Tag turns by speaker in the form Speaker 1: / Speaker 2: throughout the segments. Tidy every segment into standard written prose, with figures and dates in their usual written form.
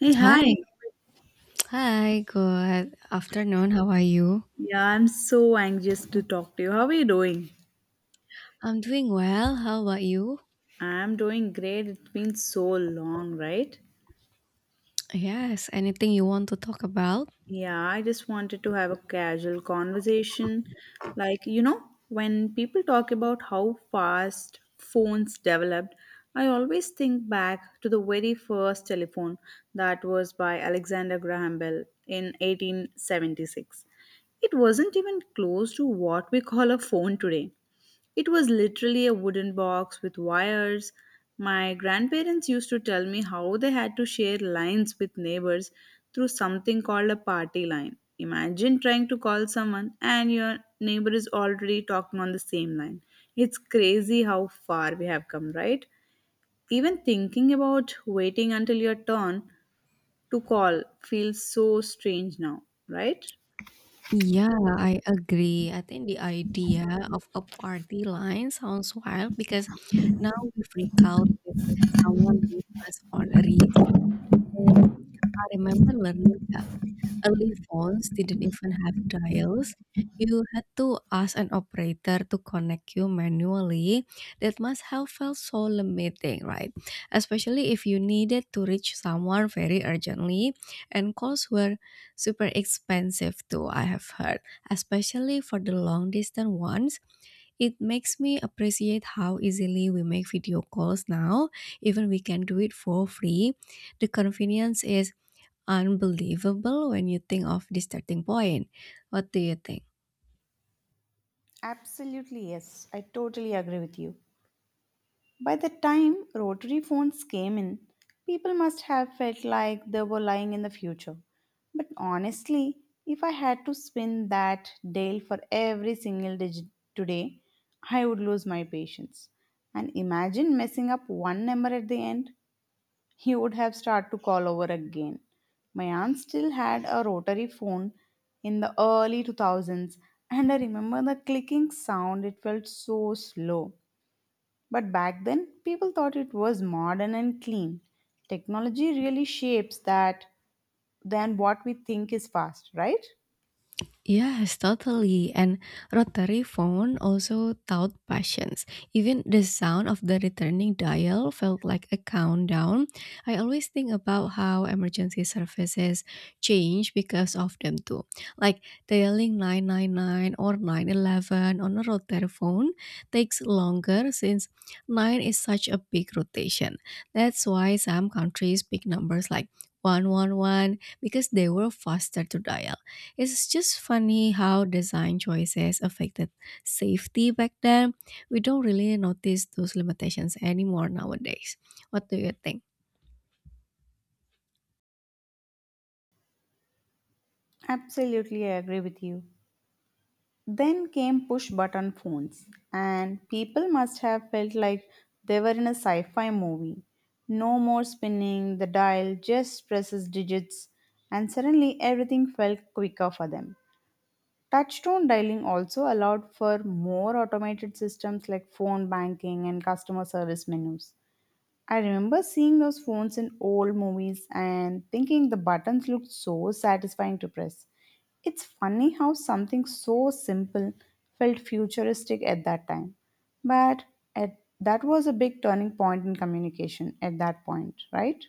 Speaker 1: Hey, hi.
Speaker 2: Hi. Hi. Good afternoon. How are you?
Speaker 1: Yeah, I'm so anxious to talk to you. How are you doing?
Speaker 2: I'm doing well. How about you?
Speaker 1: I'm doing great. It's been so long, right?
Speaker 2: Yes. Anything you want to talk about?
Speaker 1: Yeah, I just wanted to have a casual conversation. Like, you know, when people talk about how fast phones developed, I always think back to the very first telephone that was by Alexander Graham Bell in 1876. It wasn't even close to what we call a phone today. It was literally a wooden box with wires. My grandparents used to tell me how they had to share lines with neighbors through something called a party line. Imagine trying to call someone and your neighbor is already talking on the same line. It's crazy how far we have come, right? Even thinking about waiting until your turn to call feels so strange now, right?
Speaker 2: Yeah, I agree. I think the idea of a party line sounds wild because now we freak out if someone leaves us on a read for 2 minutes. I remember learning that early phones didn't even have dials. You had to ask an operator to connect you manually. That must have felt so limiting, right? Especially if you needed to reach someone very urgently, and calls were super expensive too, I have heard, especially for the long distance ones. It makes me appreciate how easily we make video calls now, even we can do it for free. The convenience is unbelievable when you think of the starting point. What do you think?
Speaker 1: Absolutely, yes. I totally agree with you. By the time rotary phones came in, people must have felt like they were lying in the future. But honestly, if I had to spin that dial for every single digit today, I would lose my patience. And imagine messing up one number at the end, you would have start to call over again. My aunt still had a rotary phone in the early 2000s, and I remember the clicking sound, it felt so slow. But back then, people thought it was modern and clean. Technology really shapes that than what we think is fast, right?
Speaker 2: Yes, totally. And rotary phone also taught patience. Even the sound of the returning dial felt like a countdown. I always think about how emergency services change because of them too. Like dialing 999 or 911 on a rotary phone takes longer since 9 is such a big rotation. That's why some countries pick numbers like 111 because they were faster to dial. It's just funny how design choices affected safety back then. We don't really notice those limitations anymore nowadays. What do you think?
Speaker 1: Absolutely, I agree with you. Then came push button phones, and people must have felt like they were in a sci fi movie. No more spinning the dial, just presses digits, and suddenly everything felt quicker for them. Touchstone dialing also allowed for more automated systems like phone banking and customer service menus. I remember seeing those phones in old movies and thinking the buttons looked so satisfying to press. It's funny how something so simple felt futuristic at that time. But that was a big turning point in communication at that point, right?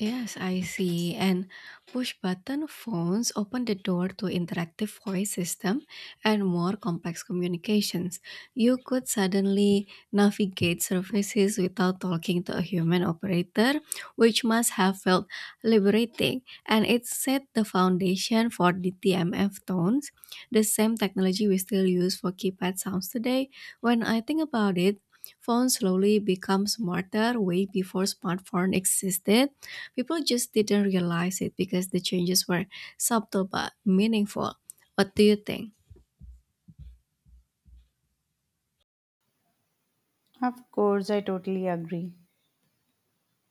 Speaker 2: Yes, I see. And push button phones open the door to interactive voice system and more complex communications. You could suddenly navigate surfaces without talking to a human operator, which must have felt liberating. And it set the foundation for the TMF tones, the same technology we still use for keypad sounds today. When I think about it, phones slowly become smarter way before smartphone existed. People just didn't realize it because the changes were subtle but meaningful. What do you think?
Speaker 1: Of course, I totally agree.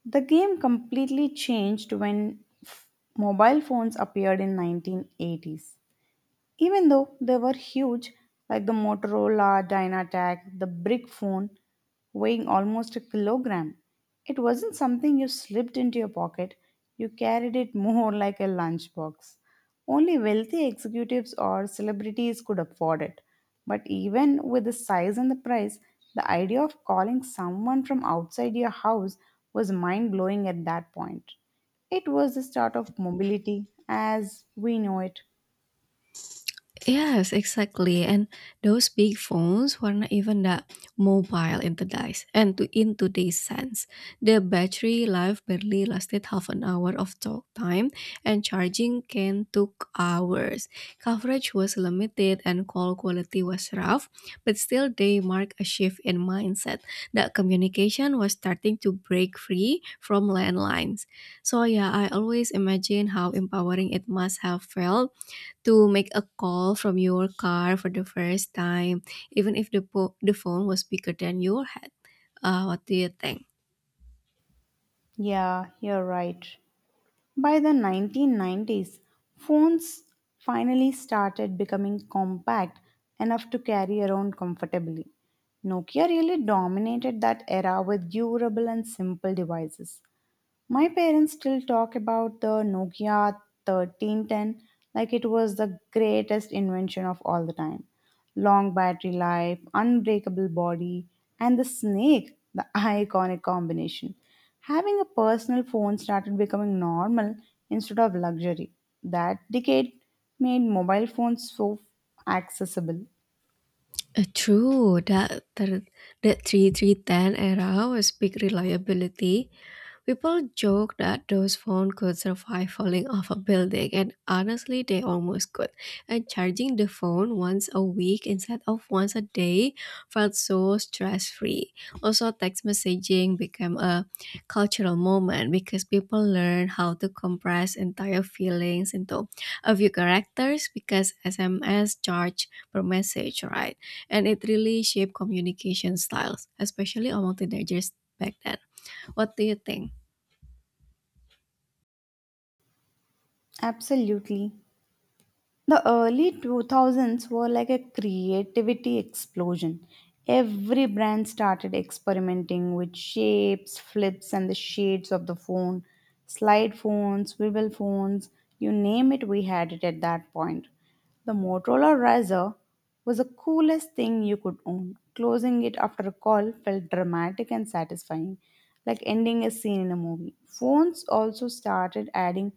Speaker 1: The game completely changed when f- mobile phones appeared in 1980s. Even though they were huge, like the Motorola Dynatac, the brick phone weighing almost a kilogram, it wasn't something you slipped into your pocket. You carried it more like a lunchbox. Only wealthy executives or celebrities could afford it. But even with the size and the price, the idea of calling someone from outside your house was mind blowing at that point. It was the start of mobility as we know it.
Speaker 2: Yes, exactly. And those big phones were not even that mobile in the days and to in today's sense. The battery life barely lasted half an hour of talk time and charging can took hours. Coverage was limited and call quality was rough, but still they mark a shift in mindset that communication was starting to break free from landlines. So yeah, I always imagine how empowering it must have felt to make a call from your car for the first time, even if the phone was bigger than your head. What do you think?
Speaker 1: Yeah, you're right. By the 1990s, phones finally started becoming compact enough to carry around comfortably. Nokia really dominated that era with durable and simple devices. My parents still talk about the Nokia 1310 like it was the greatest invention of all the time. Long battery life, unbreakable body, and the snake, the iconic combination. Having a personal phone started becoming normal instead of luxury. That decade made mobile phones so accessible.
Speaker 2: True, that three three ten era was big reliability. People joke that those phones could survive falling off a building, and honestly, they almost could. And charging the phone once a week instead of once a day felt so stress free. Also, text messaging became a cultural moment because people learn how to compress entire feelings into a few characters because SMS charge per message, right? And it really shaped communication styles, especially among teenagers back then. What do you think?
Speaker 1: Absolutely. The early 2000s were like a creativity explosion. Every brand started experimenting with shapes, flips, and the shades of the phone. Slide phones, swivel phones, you name it, we had it at that point. The Motorola Razr was the coolest thing you could own. Closing it after a call felt dramatic and satisfying, like ending a scene in a movie. Phones also started adding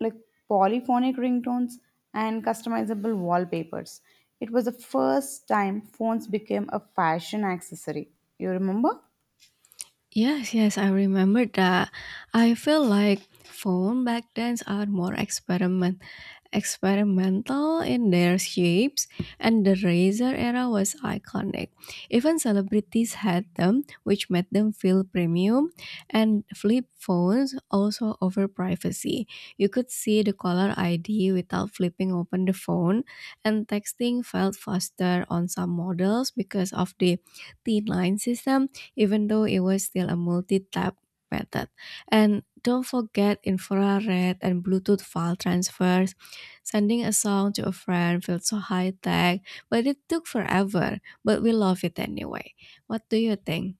Speaker 1: like polyphonic ringtones and customizable wallpapers. It was the first time phones became a fashion accessory. You remember?
Speaker 2: Yes, yes, I remember that. I feel like phone back then are more experimental in their shapes and the razor era was iconic. Even celebrities had them, which made them feel premium and flip phones also offer privacy. You could see the caller ID without flipping open the phone and texting felt faster on some models because of the t line system even though it was still a multi-tap method. And don't forget infrared and Bluetooth file transfers. Sending a song to a friend felt so high tech, but it took forever. But we love it anyway. What do you think?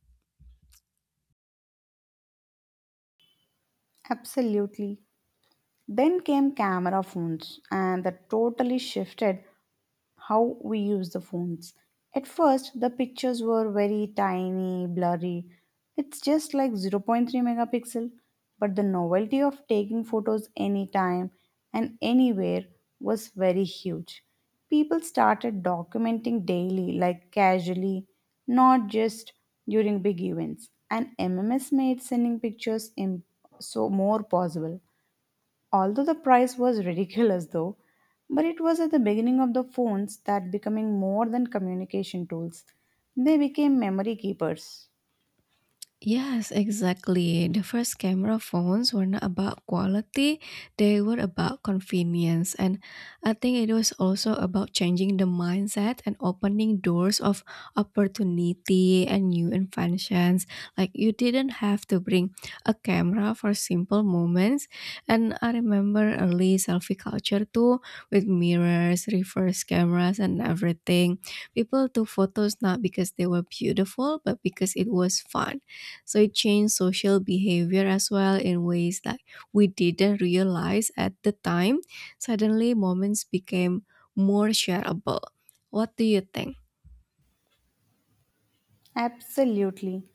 Speaker 1: Absolutely. Then came camera phones, and that totally shifted how we use the phones. At first, the pictures were very tiny, blurry. It's just like 0. 3 megapixel. But the novelty of taking photos anytime and anywhere was very huge. People started documenting daily, like casually, not just during big events. And MMS made sending pictures so more possible. Although the price was ridiculous though, but it was at the beginning of the phones that becoming more than communication tools. They became memory keepers.
Speaker 2: Yes, exactly. The first camera phones were not about quality, they were about convenience. And I think it was also about changing the mindset and opening doors of opportunity and new inventions. Like you didn't have to bring a camera for simple moments. And I remember early selfie culture too, with mirrors, reverse cameras, and everything. People took photos not because they were beautiful, but because it was fun so it changed social behavior as well in ways that we didn't realize at the time. Suddenly, moments became more shareable. What do you think?
Speaker 1: Absolutely.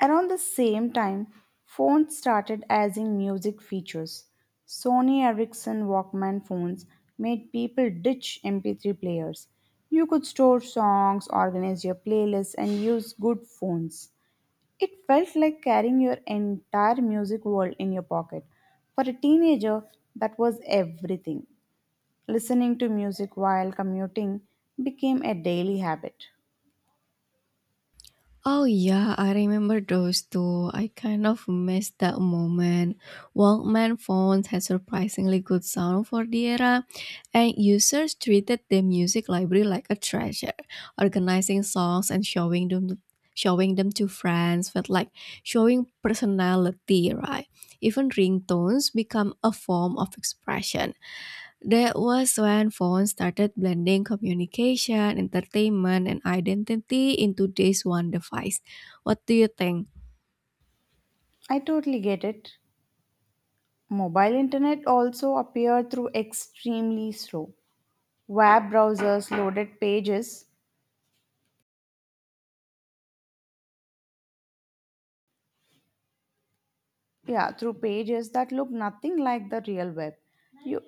Speaker 1: Around the same time, phones started adding music features. Sony Ericsson Walkman phones made people ditch MP3 players. You could store songs, organize your playlists, and use good phones. It felt like carrying your entire music world in your pocket. For a teenager, that was everything. Listening to music while commuting became a daily habit.
Speaker 2: Oh yeah, I remember those too. I kind of missed that moment. Walkman phones had surprisingly good sound for the era, and users treated their music library like a treasure. Organizing songs and showing them to friends felt like showing personality, right? Even ringtones become a form of expression. That was when phones started blending communication, entertainment, and identity into this one device. What do you think?
Speaker 1: I totally get it. Mobile internet also appeared through extremely slow web browsers loaded pages yeah through pages that look nothing like the real web you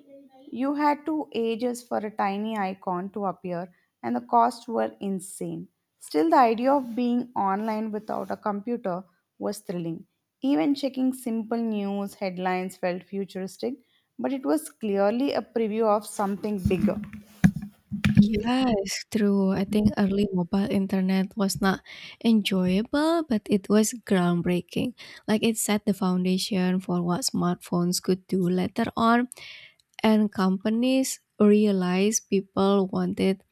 Speaker 1: you had to ages for a tiny icon to appear, and the costs were insane. Still, the idea of being online without a computer was thrilling. Even checking simple news headlines felt futuristic, but it was clearly a preview of something bigger.
Speaker 2: Yes, true. I think early mobile internet was not enjoyable, but it was groundbreaking. Like it set the foundation for what smartphones could do later on, and companies realized people wanted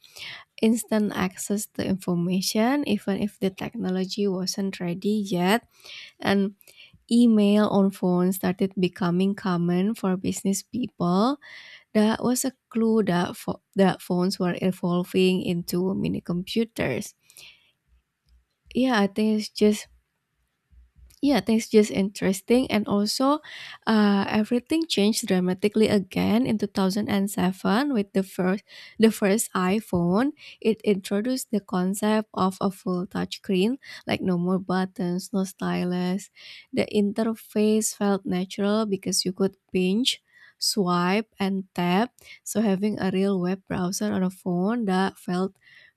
Speaker 2: instant access to information even if the technology wasn't ready yet. And email on phones started becoming common for business people, that was a clue that that phones were evolving into mini computers. Yeah, I think it's just yeah, things just interesting, and also everything changed dramatically again in 2007 with the first iPhone. It introduced the concept of a full touchscreen, like no more buttons, no stylus. The interface felt natural because you could pinch, swipe, and tap. So having a real web browser on a phone that felt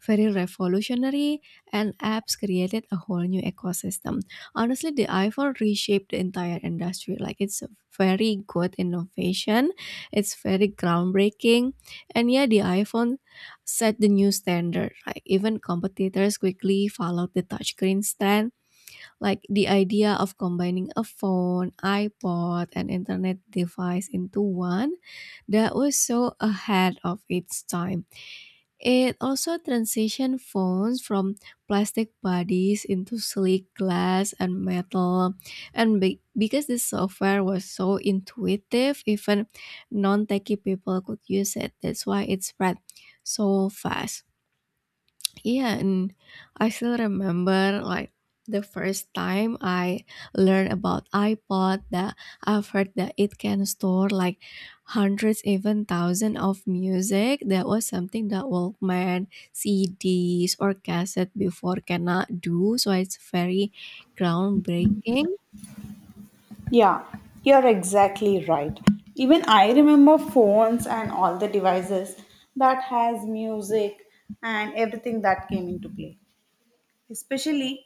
Speaker 2: very revolutionary, and apps created a whole new ecosystem. Honestly, the iPhone reshaped the entire industry. Like it's a very good innovation. It's very groundbreaking. And yeah, the iPhone set the new standard. Like even competitors quickly followed the touchscreen stand. Like the idea of combining a phone, iPod, and internet device into one, that was so ahead of its time. It also transitioned phones from plastic bodies into sleek glass and metal. And because this software was so intuitive, even non techie people could use it. That's why it spread so fast. Yeah, and I still remember like the first time I learned about iPod that I've heard that it can store like hundreds, even thousands of music. That was something that Walkman, CDs, or cassette before cannot do. So it's very groundbreaking.
Speaker 1: Yeah, you're exactly right. Even I remember phones and all the devices that has music and everything that came into play. Especially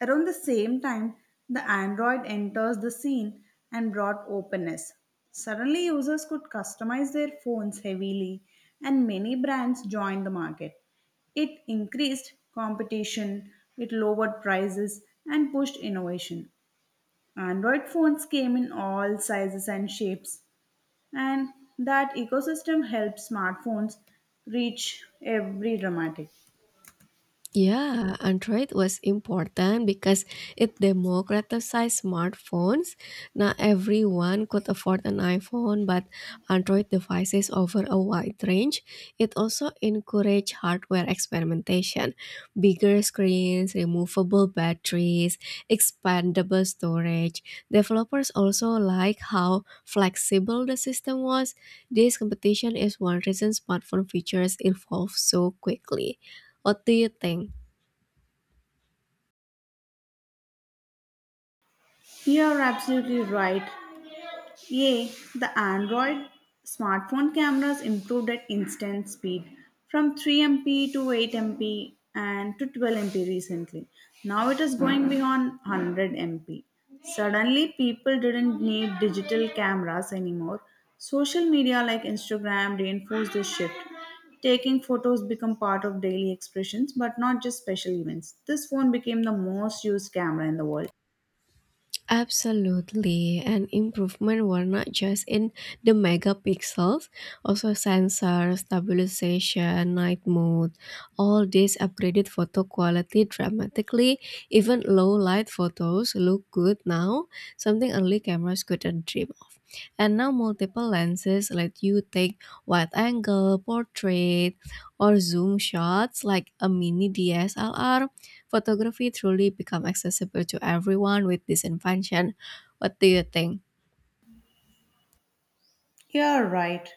Speaker 1: around the same time the Android enters the scene and brought openness. Suddenly users could customize their phones heavily and many brands joined the market. It increased competition, it lowered prices and pushed innovation. Android phones came in all sizes and shapes, and that ecosystem helped smartphones reach every dramatic.
Speaker 2: Yeah, Android was important because it democratized smartphones. Not everyone could afford an iPhone, but Android devices offer a wide range. It also encouraged hardware experimentation. Bigger screens, removable batteries, expandable storage. Developers also like how flexible the system was. This competition is one reason smartphone features evolve so quickly. What do you think?
Speaker 1: You are absolutely right. Yay, the Android smartphone cameras improved at instant speed from 3MP to 8MP and to 12MP recently. Now it is going beyond 100MP. Suddenly, people didn't need digital cameras anymore. Social media like Instagram reinforced this shift. Taking photos become part of daily expressions but not just special events. This phone became the most used camera in the world.
Speaker 2: Absolutely, and improvement were not just in the megapixels, also sensor stabilization, night mode. All these upgraded photo quality dramatically. Even low light photos look good now, something early cameras couldn't dream of. And now multiple lenses let you take wide angle, portrait, or zoom shots like a mini DSLR. Photography truly become accessible to everyone with this invention. What do you think?
Speaker 1: You're right.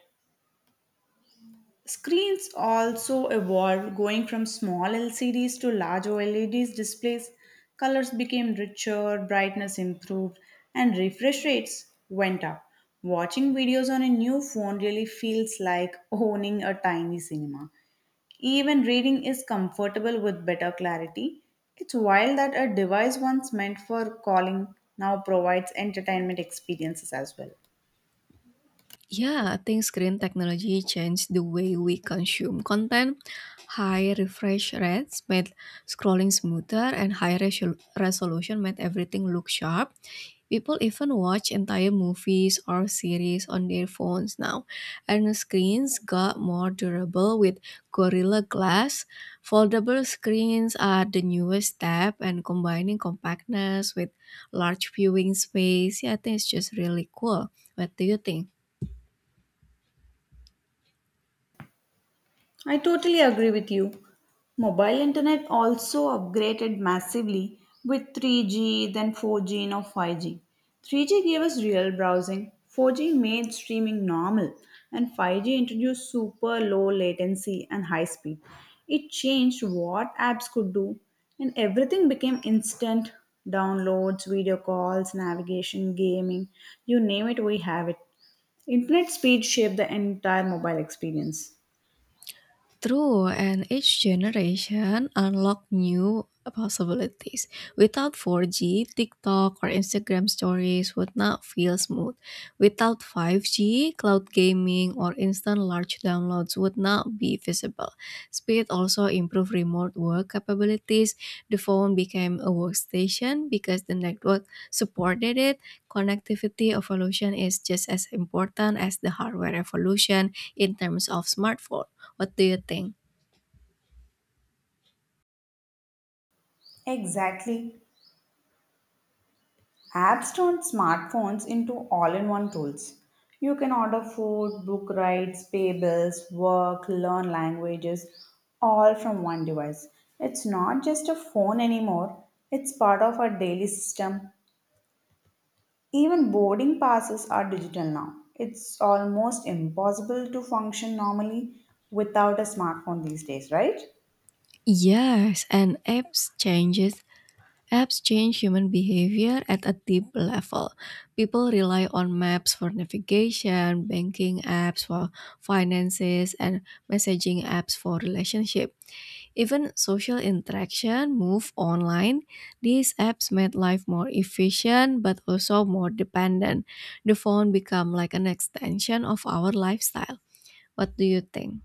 Speaker 1: Screens also evolved, going from small LCDs to large OLEDs displays. Colors became richer, brightness improved, and refresh rates went up. Watching videos on a new phone really feels like owning a tiny cinema. Even reading is comfortable with better clarity. It's wild that a device once meant for calling now provides entertainment experiences as well.
Speaker 2: Yeah, I think screen technology changed the way we consume content. High refresh rates made scrolling smoother, and high resolution made everything look sharp. People even watch entire movies or series on their phones now, and the screens got more durable with Gorilla Glass. Foldable screens are the newest step, and combining compactness with large viewing space, yeah, I think it's just really cool. What do you think?
Speaker 1: I totally agree with you. Mobile internet also upgraded massively with 3G, then 4G, now 5G. 3G gave us real browsing, 4G made streaming normal, and 5G introduced super low latency and high speed. It changed what apps could do, and everything became instant downloads, video calls, navigation, gaming, you name it, we have it. Internet speed shaped the entire mobile experience.
Speaker 2: True, and each generation unlock new possibilities. Without 4G, TikTok or Instagram stories would not feel smooth. Without 5G, cloud gaming or instant large downloads would not be visible. Speed also improved remote work capabilities. The phone became a workstation because the network supported it. Connectivity evolution is just as important as the hardware evolution in terms of smartphones. What do you think?
Speaker 1: Exactly. Apps turn smartphones into all in one tools. You can order food, book rides, pay bills, work, learn languages, all from one device. It's not just a phone anymore, it's part of our daily system. Even boarding passes are digital now. It's almost impossible to function normally without a smartphone these days, right?
Speaker 2: Yes, and apps change human behavior at a deep level. People rely on maps for navigation, banking apps for finances, and messaging apps for relationship. Even social interaction move online. These apps made life more efficient but also more dependent. The phone become like an extension of our lifestyle. What do you think?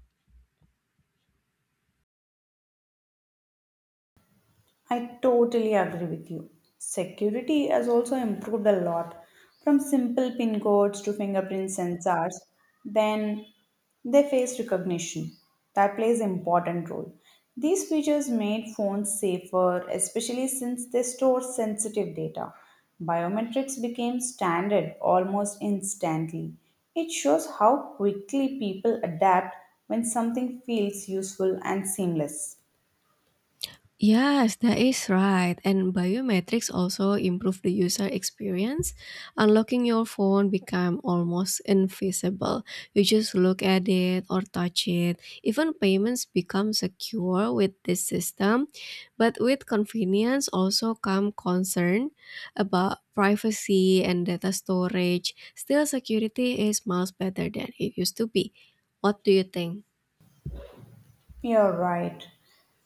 Speaker 1: I totally agree with you. Security has also improved a lot from simple pin codes to fingerprint sensors. Then they face recognition that plays important role. These features made phones safer, especially since they store sensitive data. Biometrics became standard almost instantly. It shows how quickly people adapt when something feels useful and seamless.
Speaker 2: Yes, that is right. And biometrics also improve the user experience. Unlocking your phone become almost invisible. You just look at it or touch it. Even payments become secure with this system. But with convenience also come concern about privacy and data storage. Still security is much better than it used to be. What do you think?
Speaker 1: You're right.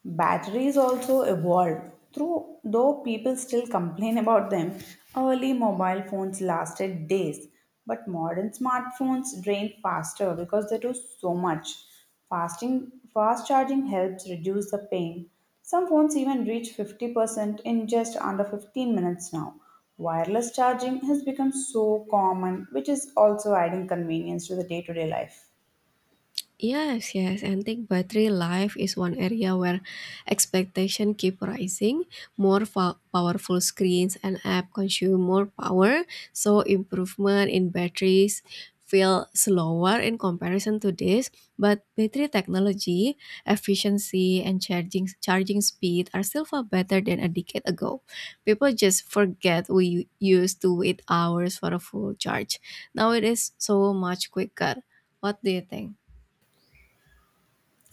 Speaker 1: Batteries also evolved. Through, though people still complain about them, early mobile phones lasted days. But modern smartphones drain faster because they do so much. Fasting, fast charging helps reduce the pain. Some phones even reach 50% in just under 15 minutes now. Wireless charging has become so common, which is also adding convenience to the day to day life.
Speaker 2: Yes, yes, and think battery life is one area where expectation keep rising. More powerful screens and app consume more power, so improvement in batteries feel slower in comparison to this. But battery technology, efficiency, and charging speed are still far better than a decade ago. People just forget we used to wait hours for a full charge. Now it is so much quicker. What do you think?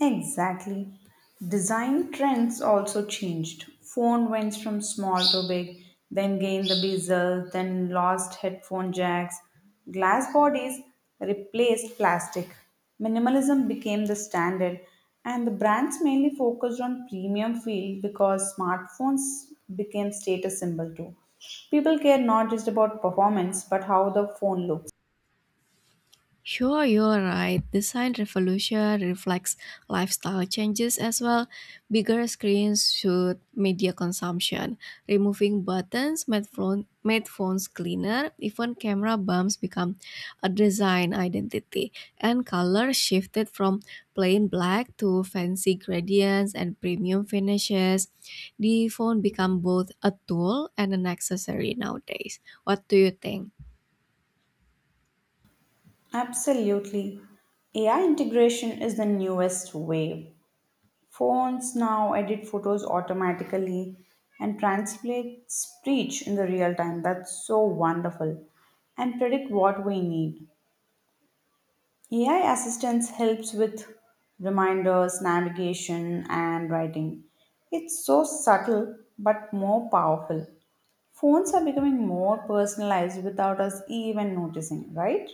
Speaker 1: Exactly. Design trends also changed. Phone went from small to big, then gained the bezel, then lost headphone jacks. Glass bodies replaced plastic. Minimalism became the standard, and the brands mainly focused on premium feel because smartphones became status symbol too. People care not just about performance but how the phone looks.
Speaker 2: Sure, you're right. Design revolution reflects lifestyle changes as well. Bigger screens shoot media consumption. Removing buttons made phones cleaner. Even camera bumps become a design identity. And color shifted from plain black to fancy gradients and premium finishes. The phone become both a tool and an accessory nowadays. What do you think?
Speaker 1: Absolutely. AI integration is the newest wave. Phones now edit photos automatically and translate speech in the real time. That's so wonderful. And predict what we need. AI assistance helps with reminders, navigation, and writing. It's so subtle but more powerful. Phones are becoming more personalized without us even noticing, right?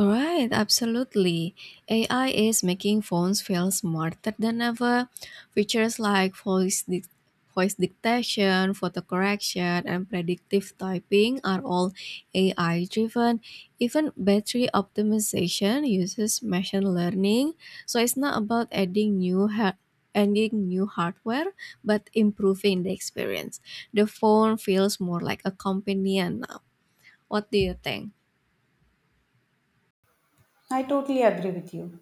Speaker 2: Right, absolutely. AI is making phones feel smarter than ever. Features like voice dictation, photo correction, and predictive typing are all AI driven. Even battery optimization uses machine learning. So it's not about adding new hardware, but improving the experience. The phone feels more like a companion now. What do you think?
Speaker 1: I totally agree with you.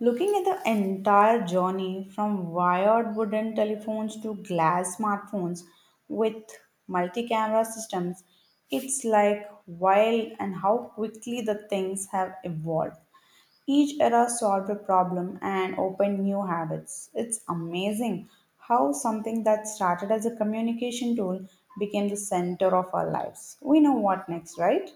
Speaker 1: Looking at the entire journey from wired wooden telephones to glass smartphones with multi camera systems, it's like wild and how quickly the things have evolved. Each era solved a problem and opened new habits. It's amazing how something that started as a communication tool became the center of our lives. We know what next, right?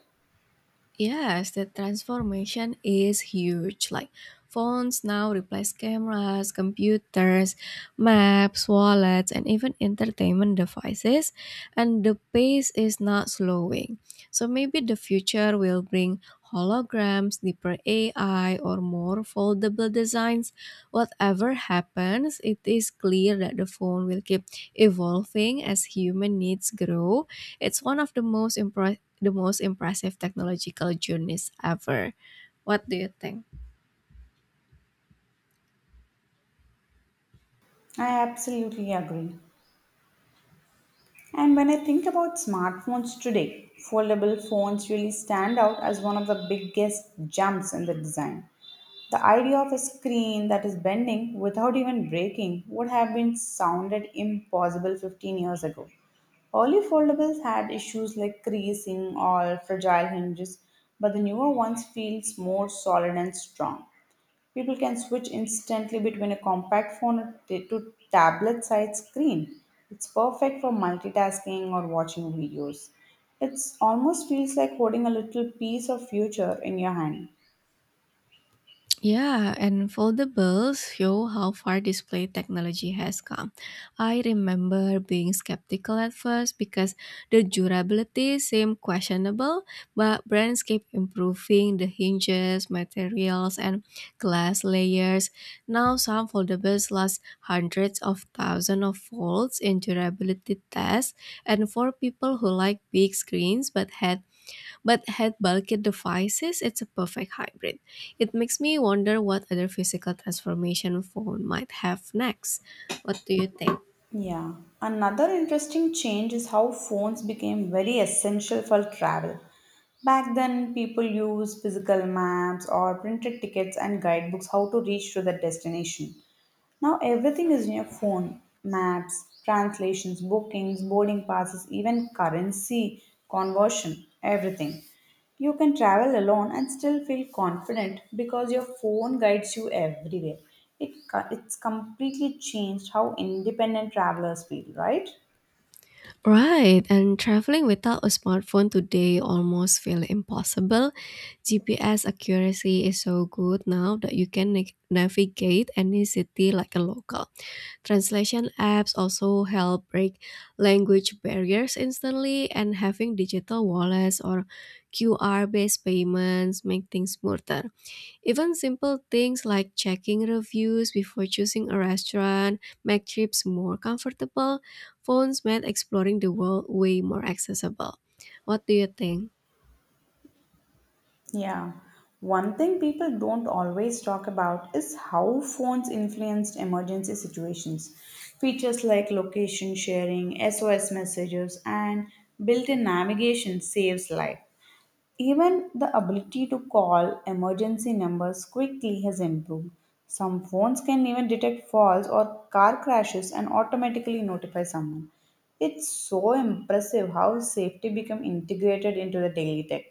Speaker 2: Yes, the transformation is huge. Like phones now replace cameras, computers, maps, wallets, and even entertainment devices, and the pace is not slowing. So maybe the future will bring holograms, deeper AI, or more foldable designs. Whatever happens, it is clear that the phone will keep evolving as human needs grow. It's one of the most impressive technological journeys ever. What do you think?
Speaker 1: I absolutely agree. And when I think about smartphones today, foldable phones really stand out as one of the biggest jumps in the design. The idea of a screen that is bending without even breaking would have been sounded impossible 15 years ago. Early foldables had issues like creasing or fragile hinges, but the newer ones feels more solid and strong. People can switch instantly between a compact phone to tablet sized screen. It's perfect for multitasking or watching videos. It almost feels like holding a little piece of future in your hand.
Speaker 2: Yeah, and foldables show how far display technology has come. I remember being skeptical at first because the durability seemed questionable, but brands keep improving the hinges, materials, and glass layers. Now, some foldables last hundreds of thousands of volts in durability tests, and for people who like big screens but had But head bulkhead devices, it's a perfect hybrid. It makes me wonder what other physical transformation phone might have next. What do you think?
Speaker 1: Yeah. Another interesting change is how phones became very essential for travel. Back then, people used physical maps or printed tickets and guidebooks how to reach to the destination. Now everything is in your phone maps, translations, bookings, boarding passes, even currency conversion, everything. You can travel alone and still feel confident because your phone guides you everywhere. It's completely changed how independent travelers feel, right?
Speaker 2: Right, and traveling without a smartphone today almost feel impossible. GPS accuracy is so good now that you can navigate any city like a local. Translation apps also help break language barriers instantly, and having digital wallets or QR based payments make things smoother. Even simple things like checking reviews before choosing a restaurant make trips more comfortable. Phones made exploring the world way more accessible. What do you think?
Speaker 1: Yeah. One thing people don't always talk about is how phones influenced emergency situations. Features like location sharing, SOS messages, and built in navigation saves life. Even the ability to call emergency numbers quickly has improved. Some phones can even detect falls or car crashes and automatically notify someone. It's so impressive how safety become integrated into the daily tech.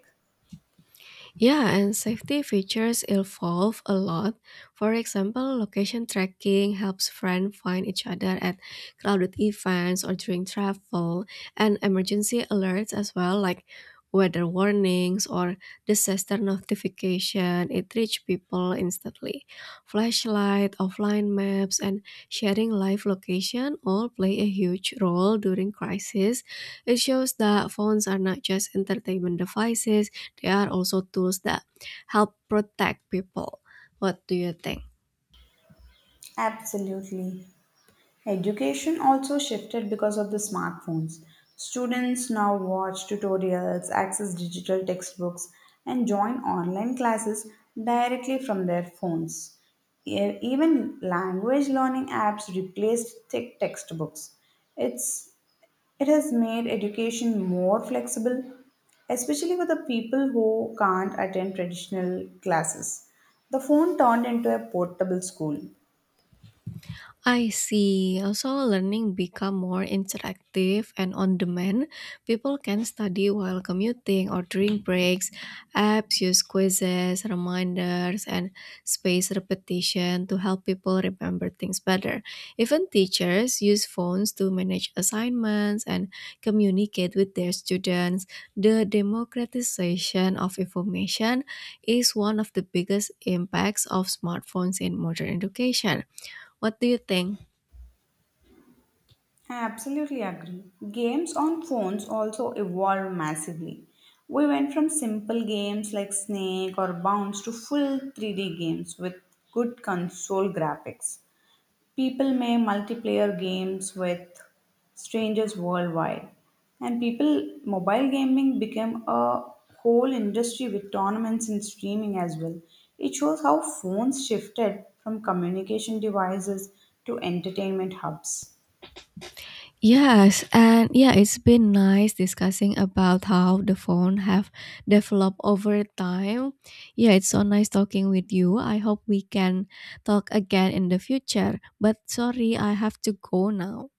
Speaker 2: Yeah, and safety features evolve a lot. For example, location tracking helps friends find each other at crowded events or during travel, and emergency alerts as well, like weather warnings or disaster notification. It reaches people instantly. Flashlight, offline maps, and sharing live location all play a huge role during crisis. It shows that phones are not just entertainment devices they are also tools that help protect people. What do you think?
Speaker 1: Absolutely. Education also shifted because of the smartphones. Students now watch tutorials, access digital textbooks, and join online classes directly from their phones. Even language learning apps replaced thick textbooks. It's, it has made education more flexible, especially for the people who can't attend traditional classes. The phone turned into a portable school.
Speaker 2: I see. Also, learning become more interactive and on demand. People can study while commuting or during breaks. Apps use quizzes, reminders, and spaced repetition to help people remember things better. Even teachers use phones to manage assignments and communicate with their students. The democratization of information is one of the biggest impacts of smartphones in modern education. What do you think?
Speaker 1: I absolutely agree. Games on phones also evolved massively. We went from simple games like Snake or Bounce to full 3D games with good console graphics. People may multiplayer games with strangers worldwide. And people, mobile gaming became a whole industry with tournaments and streaming as well. It shows how phones shifted from communication devices to entertainment hubs.
Speaker 2: Yes, and yeah, it's been nice discussing about how the phone have developed over time. Yeah, it's so nice talking with you. I hope we can talk again in the future. But sorry, I have to go now.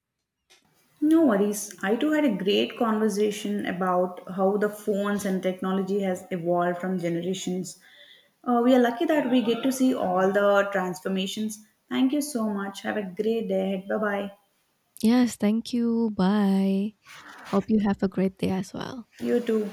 Speaker 1: No worries. I too had a great conversation about how the phones and technology has evolved from generations. We are lucky that we get to see all the transformations. Thank you so much. Have a great day. Bye bye.
Speaker 2: Yes, thank you. Bye. Hope you have a great day as well.
Speaker 1: You too.